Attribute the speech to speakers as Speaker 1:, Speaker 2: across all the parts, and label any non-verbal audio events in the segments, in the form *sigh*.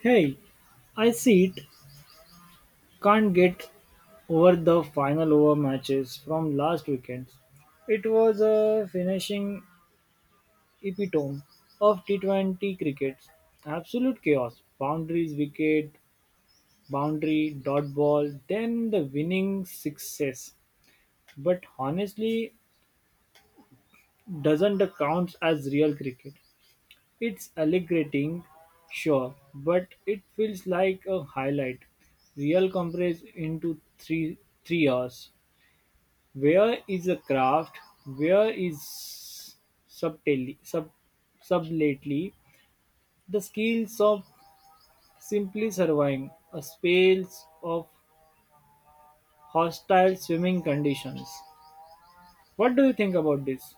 Speaker 1: Hey, I see it. Can't get over the final over matches from last weekend. It was a finishing epitome of T20 cricket. Absolute chaos. Boundaries, wicket, boundary, dot ball, then the winning success. But honestly, doesn't count as real cricket. It's alleviating, sure, but it feels like a highlight. Real compress into three hours. Where is the craft? Where is subtly, sub, subtly the skills of simply surviving a space of hostile swimming conditions? What do you think about this?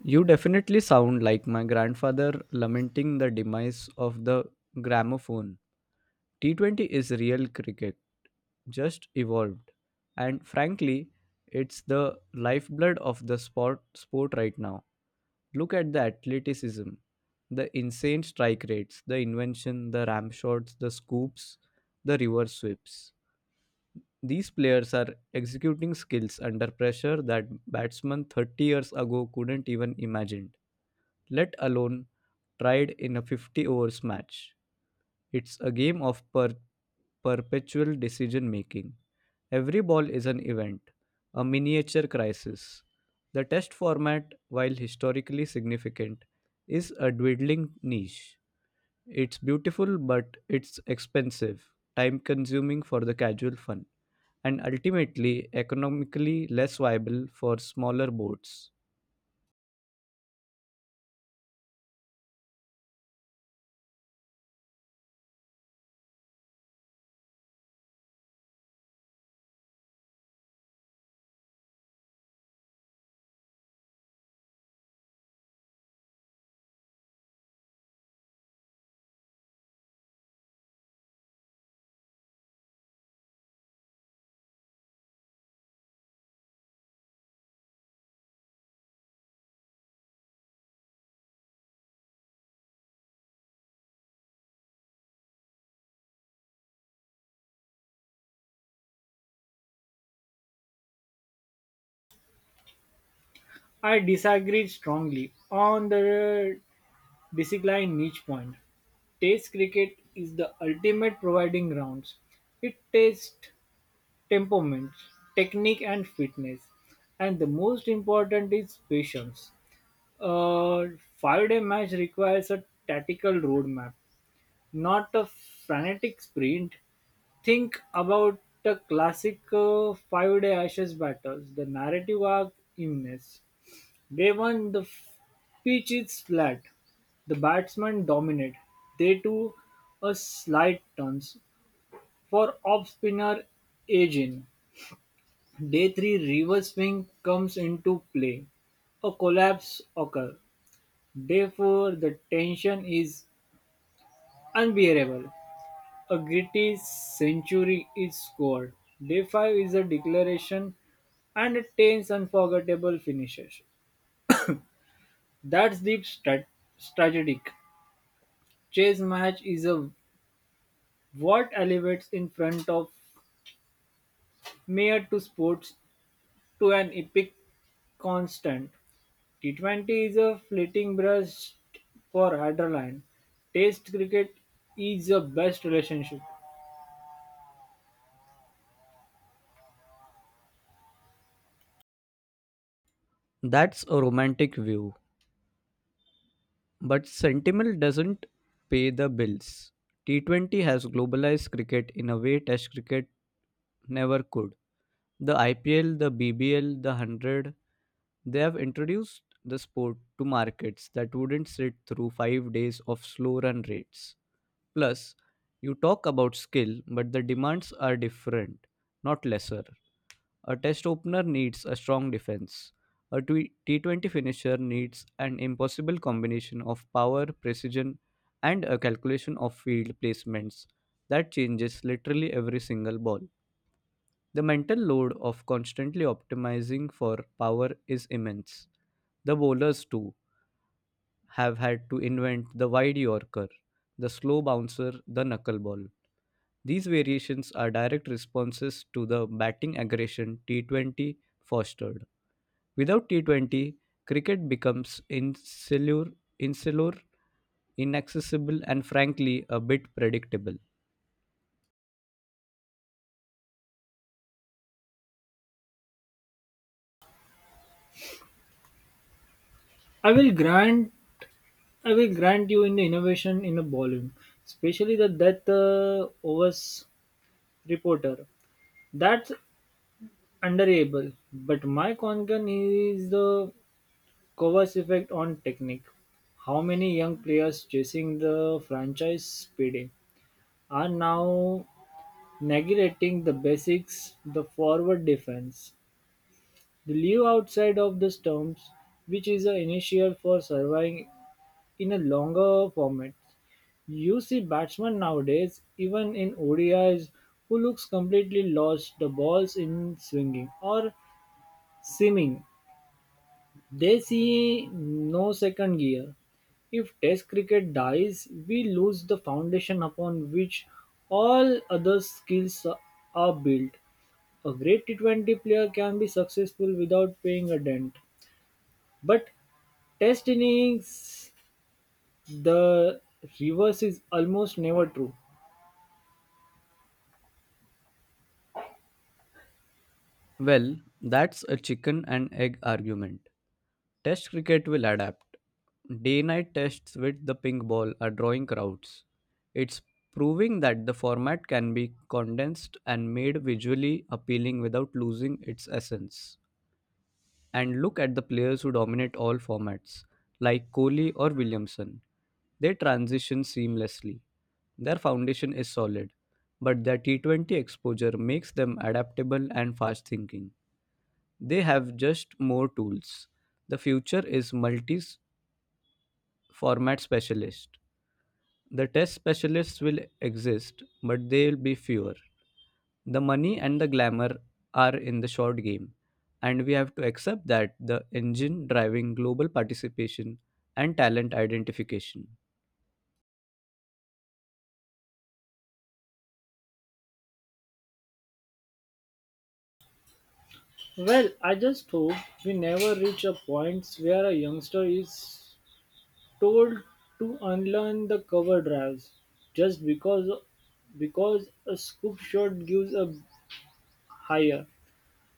Speaker 2: You definitely sound like my grandfather lamenting the demise of the gramophone. T20 is real cricket, just evolved. And frankly, it's the lifeblood of the sport right now. Look at the athleticism, the insane strike rates, the invention, the ramp shots, the scoops, the reverse sweeps. These players are executing skills under pressure that batsmen 30 years ago couldn't even imagine let alone tried in a 50 overs match. It's a game of perpetual decision making. Every ball is an event, a miniature crisis. The test format, while historically significant, is a dwindling niche. It's beautiful, but it's expensive, time consuming for the casual fun, and ultimately economically less viable for smaller boats.
Speaker 1: I disagree strongly on the basically, niche point. Test cricket is the ultimate providing grounds. It tests temperament, technique, and fitness. And the most important is patience. A 5 day match requires a tactical roadmap, not a frantic sprint. Think about the classic 5 day Ashes battles. The narrative arc immense. They won the f- Pitch is flat. The batsmen dominate. They to a slight turns for off spinner Ajin. Day three reverse swing comes into play. A collapse occurs. Day four the tension is unbearable. A gritty century is scored. Day five is a declaration and a tense unforgettable finishes. That's deep strat- strategic. Chess match is a what elevates in front of mere to sports to an epic constant. T20 is a fleeting brush for Adrenaline. Test cricket is the best relationship.
Speaker 2: That's a romantic view, but Sentinel doesn't pay the bills. T20 has globalized cricket in a way Test cricket never could. The IPL, the BBL, the 100, they have introduced the sport to markets that wouldn't sit through 5 days of slow run rates. Plus, you talk about skill, but the demands are different, not lesser. A test opener needs a strong defense. A T20 finisher needs an impossible combination of power, precision, and a calculation of field placements that changes literally every single ball. The mental load of constantly optimizing for power is immense. The bowlers, too, have had to invent the wide yorker, the slow bouncer, the knuckleball. These variations are direct responses to the batting aggression T20 fostered. Without T20, cricket becomes insular, inaccessible, and frankly, a bit predictable.
Speaker 1: I will grant I will grant you in the innovation in a bowling, especially the death overs reporter. That's underable. But my concern is the Kovacs' effect on technique. How many young players chasing the franchise payday are now neglecting the basics, the forward defense. They live outside of the stumps, which is an initial for surviving in a longer format. You see batsmen nowadays, even in ODIs, who looks completely lost the balls in swinging or seeming. They see no second gear. If Test cricket dies, we lose the foundation upon which all other skills are built. A great T20 player can be successful without paying a dent. But Test innings, the reverse is almost never true.
Speaker 2: Well, that's a chicken and egg argument. Test cricket will adapt. Day night tests with the pink ball are drawing crowds. It's proving that the format can be condensed and made visually appealing without losing its essence. And look at the players who dominate all formats, like Kohli or Williamson. They transition seamlessly. Their foundation is solid, but their T20 exposure makes them adaptable and fast thinking. They have just more tools. The future is multi format specialist. The test specialists will exist, but they'll be fewer. The money and the glamour are in the short game, and we have to accept that the engine driving global participation and talent identification.
Speaker 1: Well, I just hope we never reach a point where a youngster is told to unlearn the cover drives just because a scoop shot gives a higher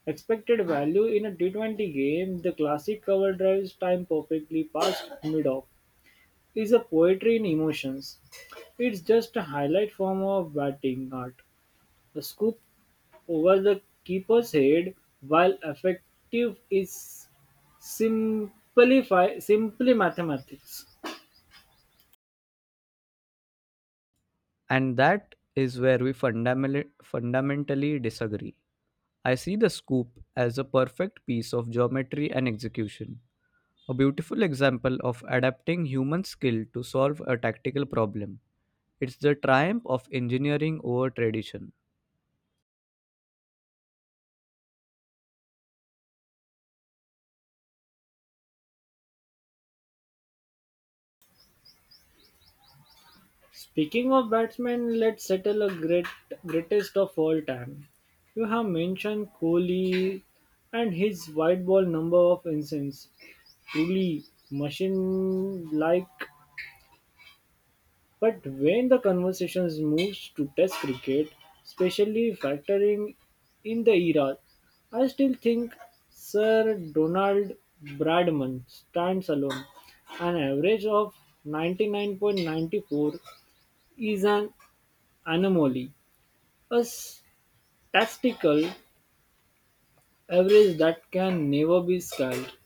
Speaker 1: expected value in a T20 game. The classic cover drives time perfectly past mid-off is a poetry in emotions. It's just a highlight form of batting art. A scoop over the keeper's head while effective is simply simply mathematics.
Speaker 2: And that is where we fundamentally disagree. I see the scoop as a perfect piece of geometry and execution, a beautiful example of adapting human skill to solve a tactical problem. It's the triumph of engineering over tradition.
Speaker 1: Speaking of batsmen, let's settle a greatest of all time. You have mentioned Kohli and his white ball number of innings. Truly machine like. But when the conversation moves to test cricket, especially factoring in the era, I still think Sir Donald Bradman stands alone. An average of 99.94 is an anomaly. A statistical average that can never be scaled.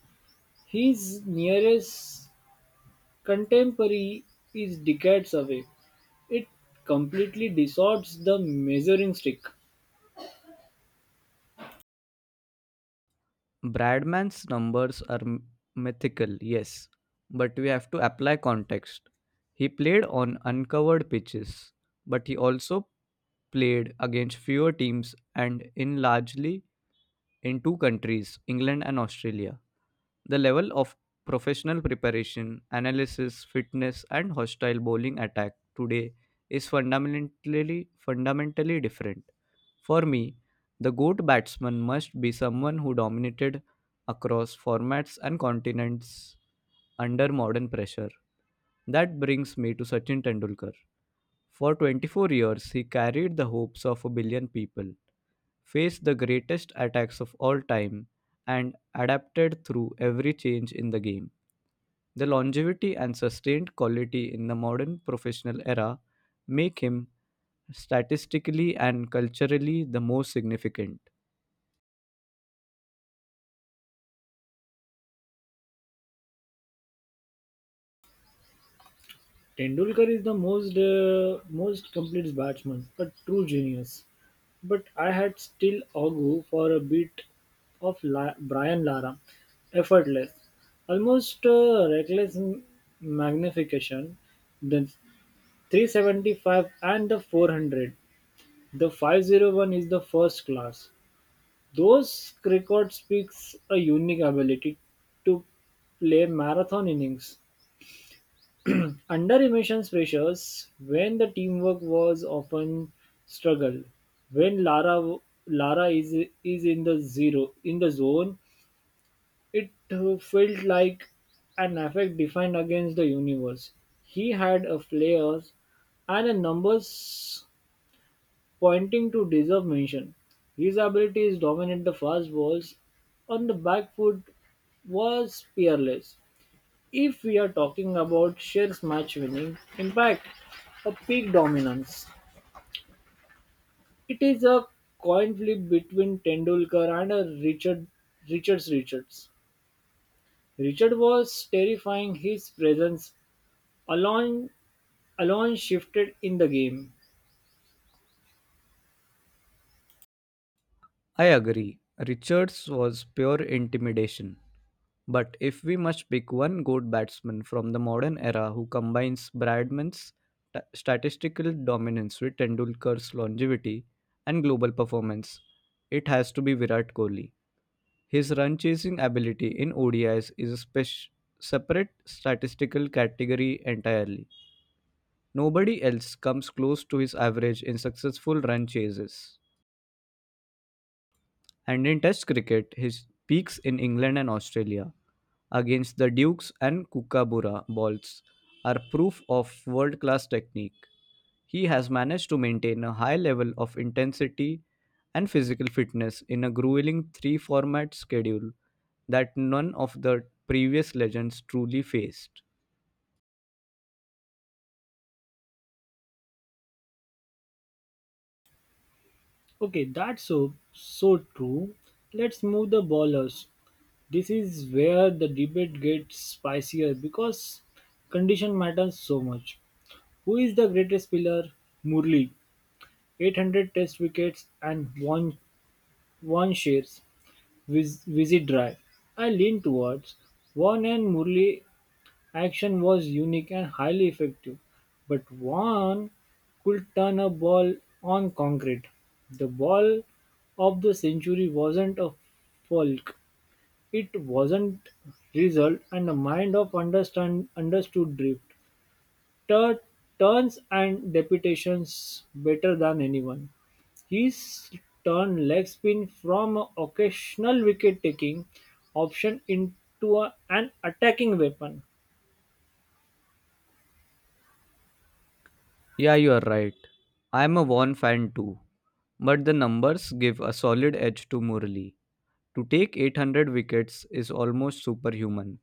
Speaker 1: His nearest contemporary is decades away. It completely distorts the measuring stick.
Speaker 2: Bradman's numbers are mythical, yes, but we have to apply context. He played on uncovered pitches, but he also played against fewer teams and in largely in two countries, England and Australia. The level of professional preparation, analysis, fitness, and hostile bowling attack today is fundamentally different. For me, the GOAT batsman must be someone who dominated across formats and continents under modern pressure. That brings me to Sachin Tendulkar. For 24 years, he carried the hopes of a billion people, faced the greatest attacks of all time, and adapted through every change in the game. The longevity and sustained quality in the modern professional era make him statistically and culturally the most significant.
Speaker 1: Tendulkar is the most complete batsman, a true genius. But I had still argue for a bit of Brian Lara, effortless, almost reckless magnification. Then 375 and the 400. The 501 is the first class. Those record speaks a unique ability to play marathon innings. Under emissions pressures, when the teamwork was often struggle, when Lara Lara is in the zone, it felt like an effect defined against the universe. He had a flair and a numbers pointing to deserve mention, his abilities dominate the fast balls, on the back foot was peerless. If we are talking about Sher's match-winning impact, a peak dominance, it is a coin flip between Tendulkar and a Richards. Richard was terrifying. His presence alone alone shifted in the game.
Speaker 2: I agree. Richards was pure intimidation. But if we must pick one good batsman from the modern era who combines Bradman's statistical dominance with Tendulkar's longevity and global performance, it has to be Virat Kohli. His run chasing ability in ODIs is a separate statistical category entirely. Nobody else comes close to his average in successful run chases. And in Test cricket, his peaks in England and Australia against the Dukes and Kookaburra balls are proof of world class technique. He has managed to maintain a high level of intensity and physical fitness in a grueling three format schedule that none of the previous legends truly faced.
Speaker 1: Okay, that's so true. Let's move the ballers. This is where the debate gets spicier because condition matters so much. Who is the greatest pillar? Murli, 800 test wickets and one shares, visit drive. I lean towards one and Murli action was unique and highly effective, but one could turn a ball on concrete. The ball of the century wasn't a folk. It wasn't resolved, and the mind of understand understood Drifter turns and deputations better than anyone. His turned leg spin from an occasional wicket taking option into an attacking weapon.
Speaker 2: Yeah, you are right. I am a Vaughan fan too, but the numbers give a solid edge to Murli. To take 800 wickets is almost superhuman.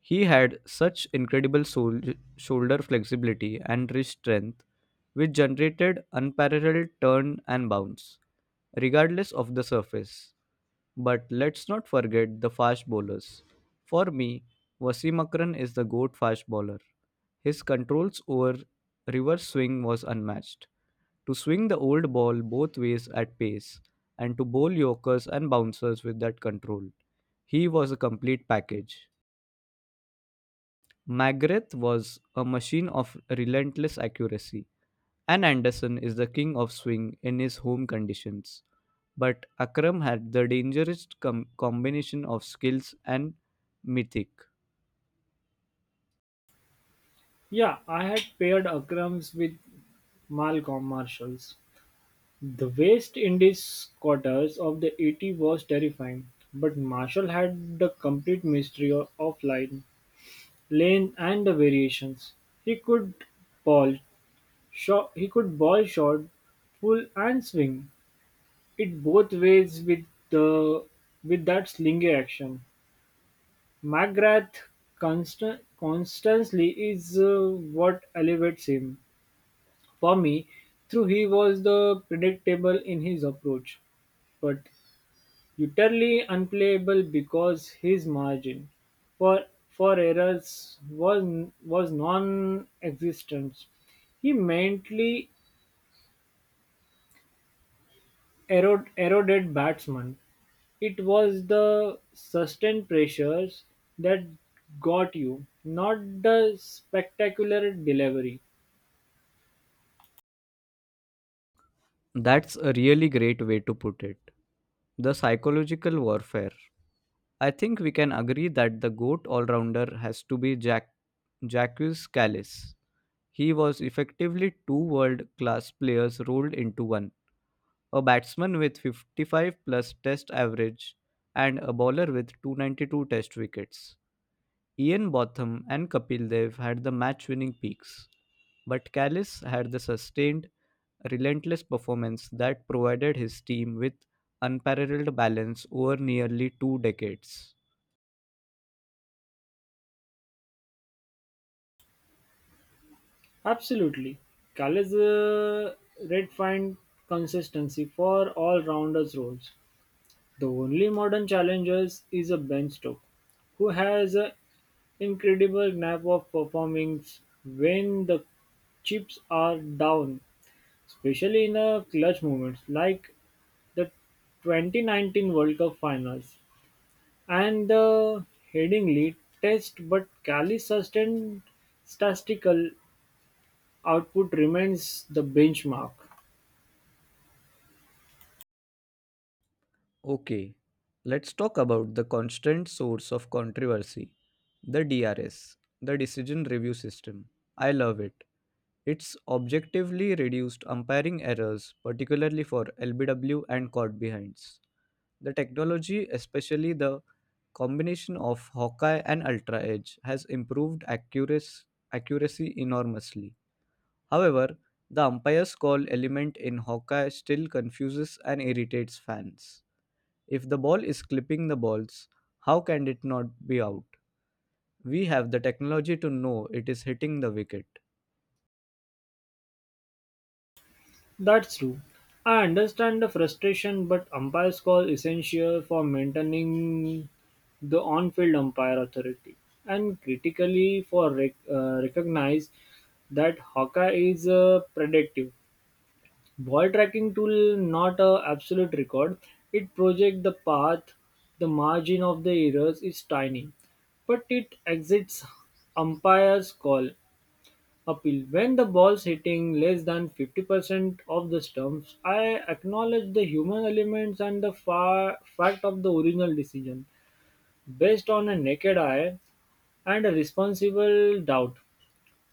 Speaker 2: He had such incredible shoulder flexibility and wrist strength, which generated unparalleled turn and bounce, regardless of the surface. But let's not forget the fast bowlers. For me, Wasim Akram is the GOAT fast bowler. His controls over reverse swing was unmatched. To swing the old ball both ways at pace and to bowl yorkers and bouncers with that control. He was a complete package. Magrath was a machine of relentless accuracy. And Anderson is the king of swing in his home conditions, but Akram had the dangerous combination of skills and mythic.
Speaker 1: Yeah, I had paired Akrams with Malcolm Marshalls. The West Indies quarters of the 80 was terrifying, but Marshall had the complete mystery of line lane and the variations. He could ball he could ball shot, pull and swing it both ways with the with that slingy action. McGrath constantly is what elevates him. For me, through he was the predictable in his approach, but utterly unplayable because his margin for errors was non-existent. He mentally eroded batsmen. It was the sustained pressures that got you, not the spectacular delivery.
Speaker 2: That's a really great way to put it. The psychological warfare. I think we can agree that the GOAT all rounder has to be Jack Jacques Callis. He was effectively two world class players rolled into one. A batsman with 55 plus test average, and a bowler with 292 test wickets. Ian Botham and Kapil Dev had the match winning peaks, but Callis had the sustained, relentless performance that provided his team with unparalleled balance over nearly two decades.
Speaker 1: Absolutely. Callis redefined consistency for all-rounders roles. The only modern challenger is a Ben Stokes, who has an incredible knack of performing when the chips are down, especially in a clutch moments like the 2019 World Cup finals and the Headingley test, but Cali's sustained statistical output remains the benchmark.
Speaker 2: Okay, let's talk about the constant source of controversy the DRS, the Decision Review System. I love it. It's objectively reduced umpiring errors, particularly for LBW and caught behinds. The technology, especially the combination of Hawkeye and Ultra Edge, has improved accuracy enormously. However, the umpire's call element in Hawkeye still confuses and irritates fans. If the ball is clipping the balls, how can it not be out? We have the technology to know it is hitting the wicket.
Speaker 1: That's true. I understand the frustration, but umpire's call essential for maintaining the on-field umpire authority, and critically for recognize that Hawkeye is predictive. Ball tracking tool not a absolute record. It projects the path. The margin of the errors is tiny, but it exits umpire's call appeal. When the ball's hitting less than 50% of the stumps, I acknowledge the human elements and the fact of the original decision, based on a naked eye and a responsible doubt,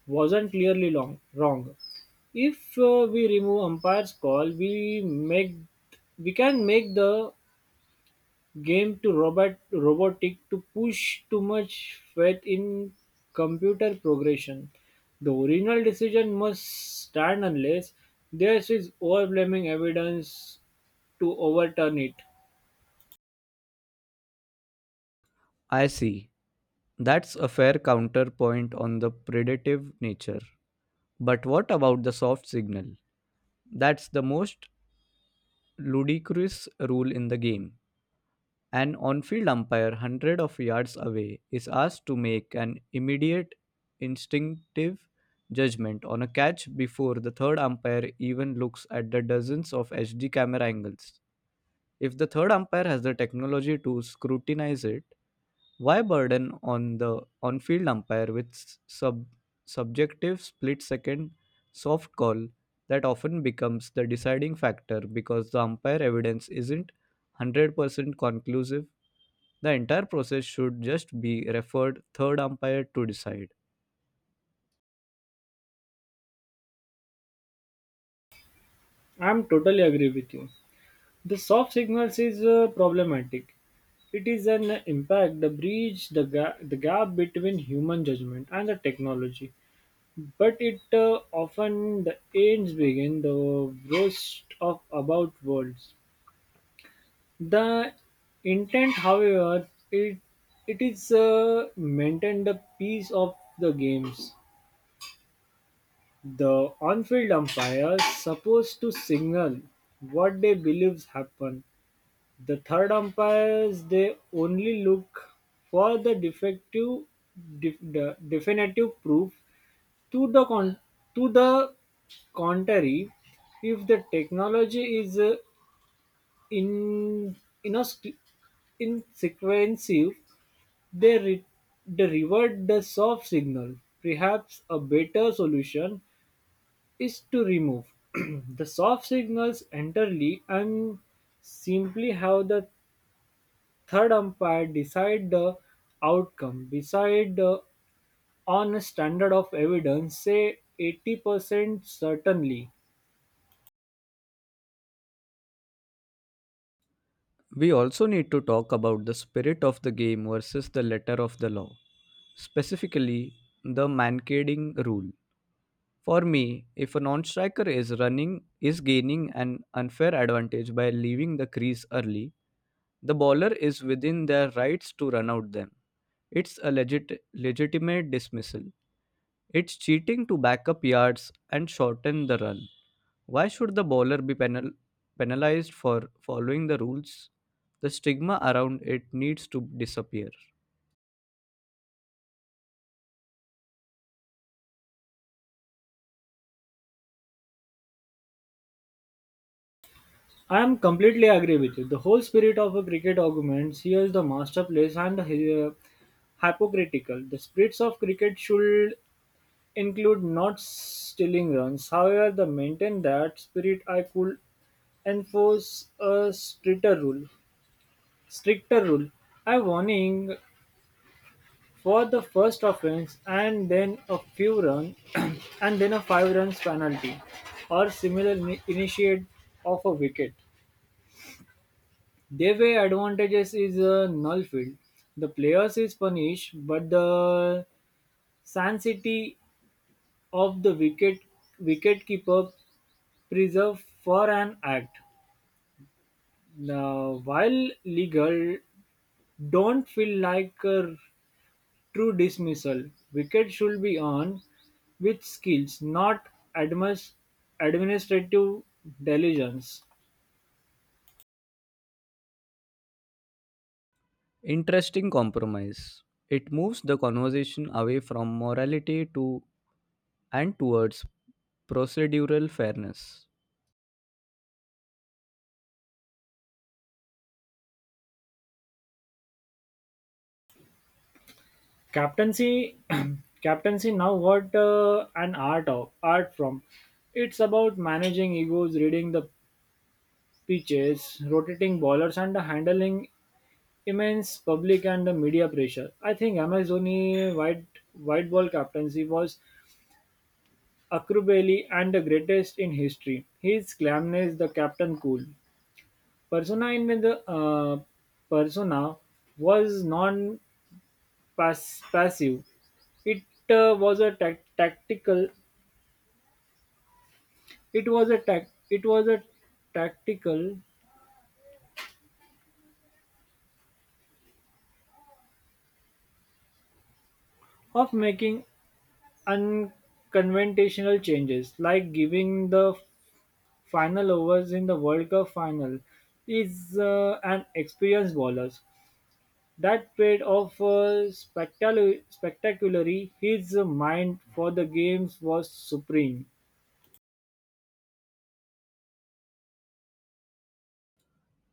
Speaker 1: wasn't wrong. If we remove umpire's call, we can make the game to robotic to push too much faith in computer progression. The original decision must stand unless there is overwhelming evidence to overturn it.
Speaker 2: I see. That's a fair counterpoint on the predative nature. But what about the soft signal? That's the most ludicrous rule in the game. An on field umpire 100 of yards away is asked to make an immediate instinctive judgment on a catch before the third umpire even looks at the dozens of HD camera angles. If the third umpire has the technology to scrutinize it, why burden on the on-field umpire with subjective split-second soft call that often becomes the deciding factor because the umpire evidence isn't 100% conclusive? The entire process should just be referred third umpire to decide.
Speaker 1: I'm totally agree with you. The soft signals is problematic. It is an impact, the breach, the gap between human judgment and the technology. But it often the ends begin the worst of about worlds. The intent, however, it is maintain the peace of the games. The on-field umpire supposed to signal what they believes happen. The third umpires they only look for the the definitive proof to the con, to the contrary. If the technology is in in a st- in sequential They re- derived the soft signal. Perhaps a better solution is to remove *clears throat* the soft signals entirely and simply have the third umpire decide the outcome. Decide on a standard of evidence, say 80% certainly.
Speaker 2: We also need to talk about the spirit of the game versus the letter of the law, specifically the mancading rule. For me, if a non-striker is running is gaining an unfair advantage by leaving the crease early, the bowler is within their rights to run out them. It's a legitimate dismissal. It's cheating to back up yards and shorten the run. Why should the bowler be penalized for following the rules? The stigma around it needs to disappear.
Speaker 1: I am completely agree with you. The whole spirit of a cricket argument here is the masterpiece and the hypocritical. The spirits of cricket should include not stealing runs. However, the maintain that spirit I could enforce a stricter rule. Stricter rule. A warning for the first offense and then a few run *clears throat* and then a five runs penalty or similar initiate of a wicket. Their way advantages is a null field. The players is punished, but the sanctity of the wicket keeper preserve for an act, now. While legal, don't feel like a true dismissal. Wicket should be on with skills, not admis- administrative diligence.
Speaker 2: Interesting compromise. It moves the conversation away from morality to and towards procedural fairness.
Speaker 1: Captaincy, *clears throat* captaincy now what an art of art from. It's about managing egos, reading the pitches, rotating bowlers, and handling immense public and media pressure. I think MS Dhoni white ball captaincy was acrobatic and the greatest in history. His calmness, the captain cool persona in the persona was non-passive. It was a tac- tactical. It was a tac- It was a tactical of making unconventional changes, like giving the final overs in the World Cup final, is an experienced bowlers. That paid off spectacularly. His mind for the games was supreme.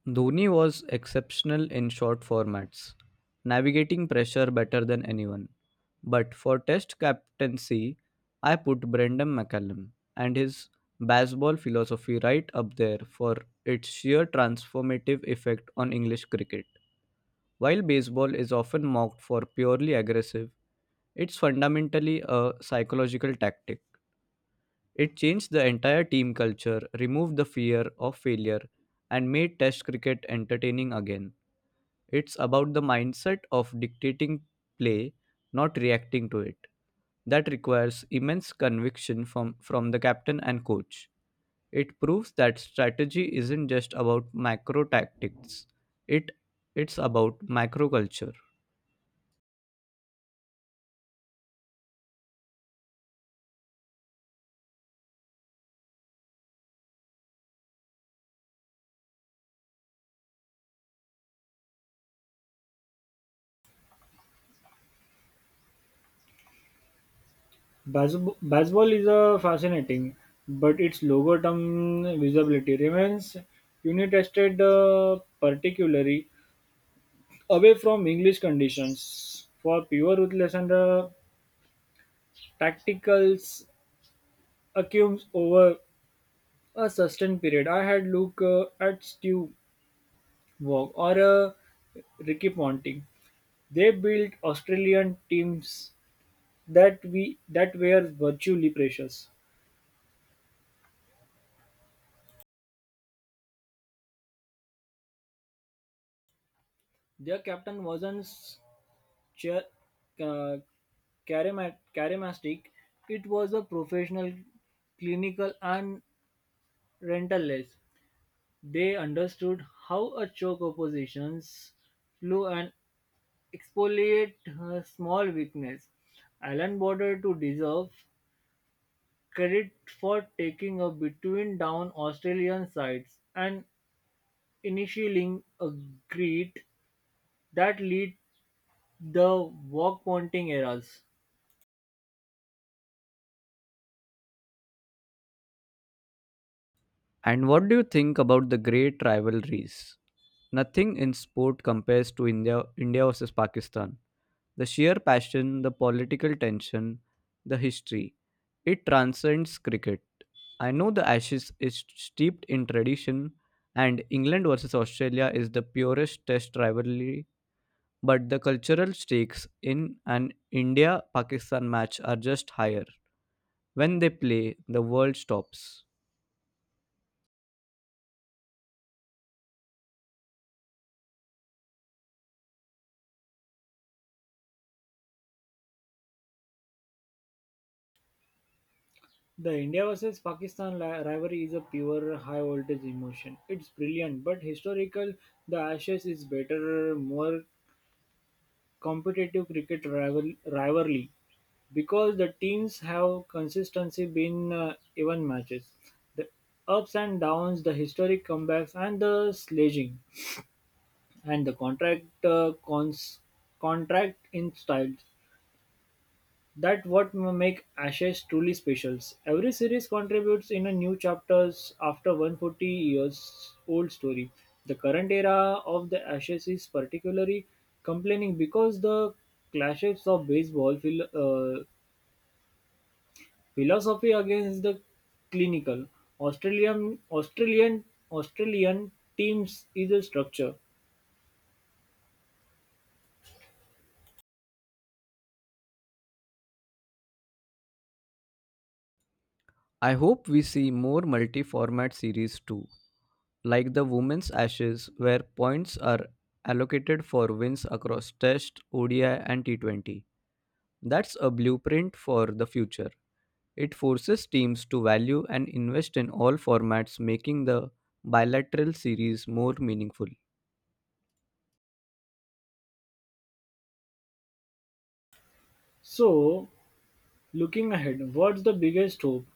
Speaker 2: Dhoni was exceptional in short formats, navigating pressure better than anyone. But for test captaincy, I put Brendan McCallum and his baseball philosophy right up there for its sheer transformative effect on English cricket. While baseball is often mocked for purely aggressive, it's fundamentally a psychological tactic. It changed the entire team culture, removed the fear of failure, and made Test cricket entertaining again. It's about the mindset of dictating play, not reacting to it. That requires immense conviction from the captain and coach. It proves that strategy isn't just about macro tactics, it, it's about macro culture.
Speaker 1: Bas- Baseball is fascinating, but its longer term visibility remains unitested, particularly away from English conditions. For pure ruthless and tacticals acquires over a sustained period. I had look at Stu Wong or Ricky Ponting. They built Australian teams that were virtually precious. Their captain wasn't cha- uh, charismatic. It was a professional, clinical, and relentless. They understood how a choke opposition's flow and exfoliate her small weakness. Allan Border to deserve credit for taking a between down Australian sides and initiating a grit that lead the walk pointing eras.
Speaker 2: And what do you think about the great rivalries? Nothing in sport compares to India versus Pakistan. The sheer passion, the political tension, the history, it transcends cricket. I know the Ashes is steeped in tradition and England versus Australia is the purest test rivalry, but the cultural stakes in an India Pakistan match are just higher. When they play, the world stops.
Speaker 1: The India versus Pakistan rivalry is a pure high voltage emotion. It's brilliant, but historical, the Ashes is better, more competitive cricket rivalry. Because the teams have consistency been even matches, the ups and downs, the historic comebacks, and the sledging, and the contract in style. That what make Ashes truly special. Every series contributes in a new chapters after 140 years old story. The current era of the Ashes is particularly complaining because the clashes of baseball feel. Philosophy against the clinical Australian Australian Australian teams is a structure.
Speaker 2: I hope we see more multi format series too, like the women's ashes where points are allocated for wins across test odi and T20. That's a blueprint for the future. It forces teams to value and invest in all formats making the bilateral series more meaningful.
Speaker 1: So looking ahead, what's the biggest hope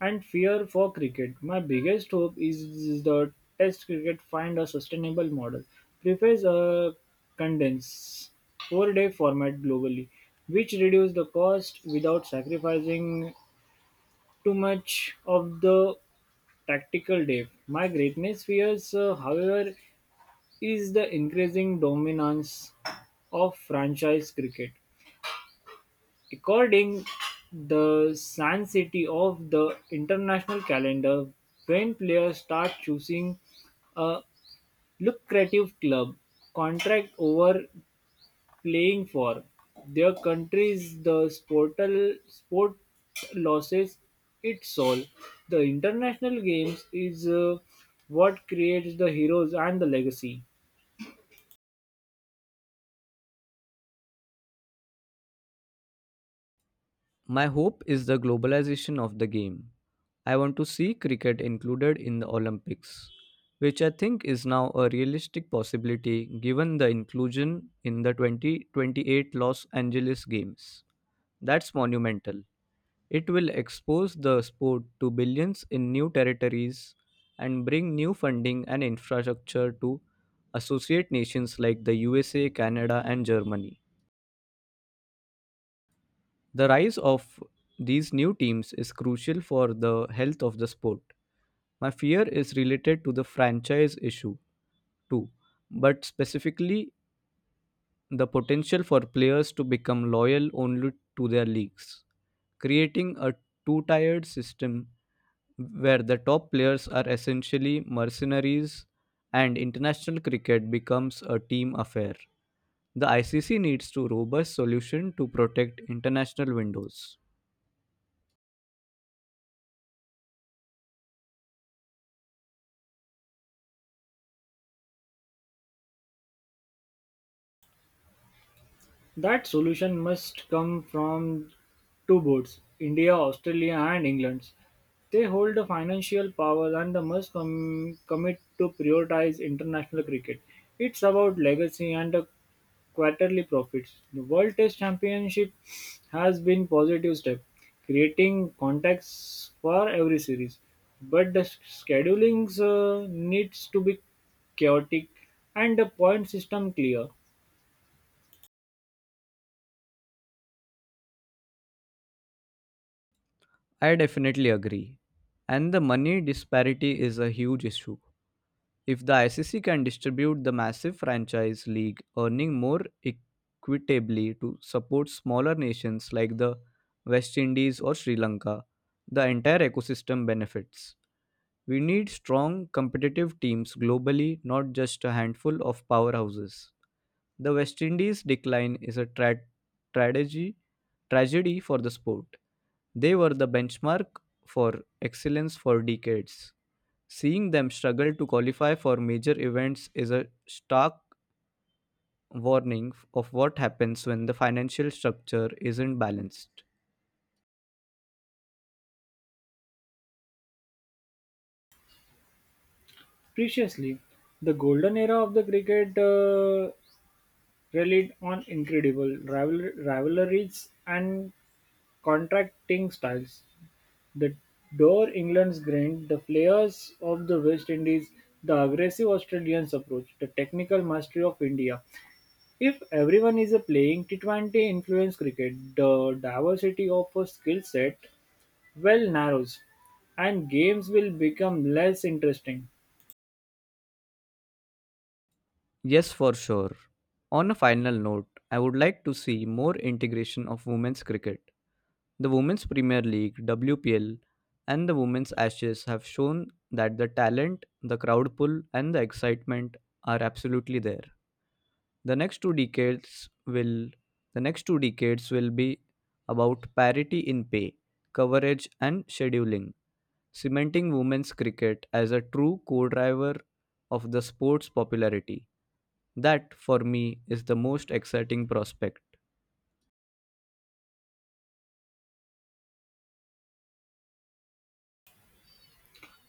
Speaker 1: and fear for cricket? My biggest hope is the Test cricket find a sustainable model. Prefers a condensed four-day format globally, which reduce the cost without sacrificing too much of the tactical depth. My greatness fears, however, is the increasing dominance of franchise cricket. According the San City of the international calendar, when players start choosing a lucrative club contract over playing for their countries, sport loses its soul. The international games is what creates the heroes and the legacy.
Speaker 2: My hope is the globalization of the game. I want to see cricket included in the Olympics, which I think is now a realistic possibility given the inclusion in the 2028 Los Angeles Games. That's monumental. It will expose the sport to billions in new territories and bring new funding and infrastructure to associate nations like the USA, Canada, and Germany. The rise of these new teams is crucial for the health of the sport. My fear is related to the franchise issue too, but specifically the potential for players to become loyal only to their leagues. Creating a two tiered system where the top players are essentially mercenaries and international cricket becomes a team affair. The ICC needs to robust solution to protect international windows.
Speaker 1: That solution must come from two boards, India, Australia, and England. They hold the financial power and they must commit to prioritize international cricket. It's about legacy and the quarterly profits. The World Test Championship has been positive step, creating contacts for every series. But the scheduling needs to be chaotic and the point system clear.
Speaker 2: I definitely agree. And the money disparity is a huge issue. If the ICC can distribute the massive franchise league earning more equitably to support smaller nations like the West Indies or Sri Lanka, the entire ecosystem benefits. We need strong competitive teams globally, not just a handful of powerhouses. The West Indies decline is a tragedy tragedy for the sport. They were the benchmark for excellence for decades. Seeing them struggle to qualify for major events is a stark warning of what happens when the financial structure isn't balanced.
Speaker 1: Preciously, the golden era of the cricket relied on incredible rivalries and contracting styles. The dour England's grind, the flares of the West Indies, the aggressive Australians' approach, the technical mastery of India. If everyone is a playing T20 influence cricket, the diversity of a skill set well narrows and games will become less interesting.
Speaker 2: Yes, for sure. On a final note, I would like to see more integration of women's cricket. The Women's Premier League, WPL, and the Women's Ashes have shown that the talent, the crowd pull, and the excitement are absolutely there. The next two decades will the next two decades will be about parity in pay, coverage and scheduling, cementing women's cricket as a true co-driver of the sport's popularity. That for me is the most exciting prospect.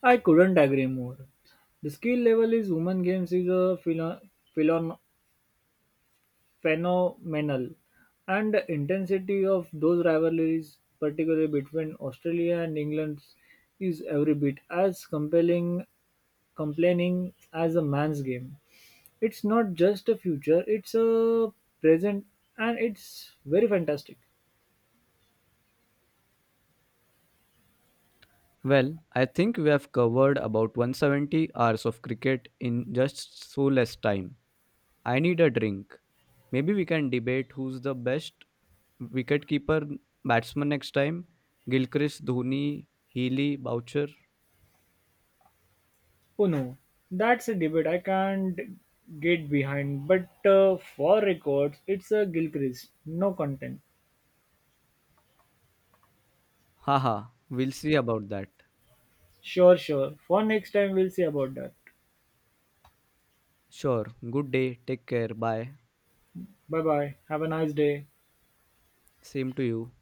Speaker 1: I couldn't agree more. The skill level is women games is a philo- philon phenomenal, and the intensity of those rivalries, particularly between Australia and England, is every bit as compelling, complaining as a man's game. It's not just a future; it's a present, and it's very fantastic.
Speaker 2: Well, I think we have covered about 170 hours of cricket in just so less time. I need a drink. Maybe we can debate who's the best wicketkeeper batsman next time. Gilchrist, Dhoni, Healy, Boucher.
Speaker 1: Oh no, that's a debate I can't get behind. But for records, it's a Gilchrist, no content.
Speaker 2: Haha, we'll see about that.
Speaker 1: Sure. For next time, we'll see about that.
Speaker 2: Sure. Good day. Take care. Bye.
Speaker 1: Bye bye. Have a nice day.
Speaker 2: Same to you.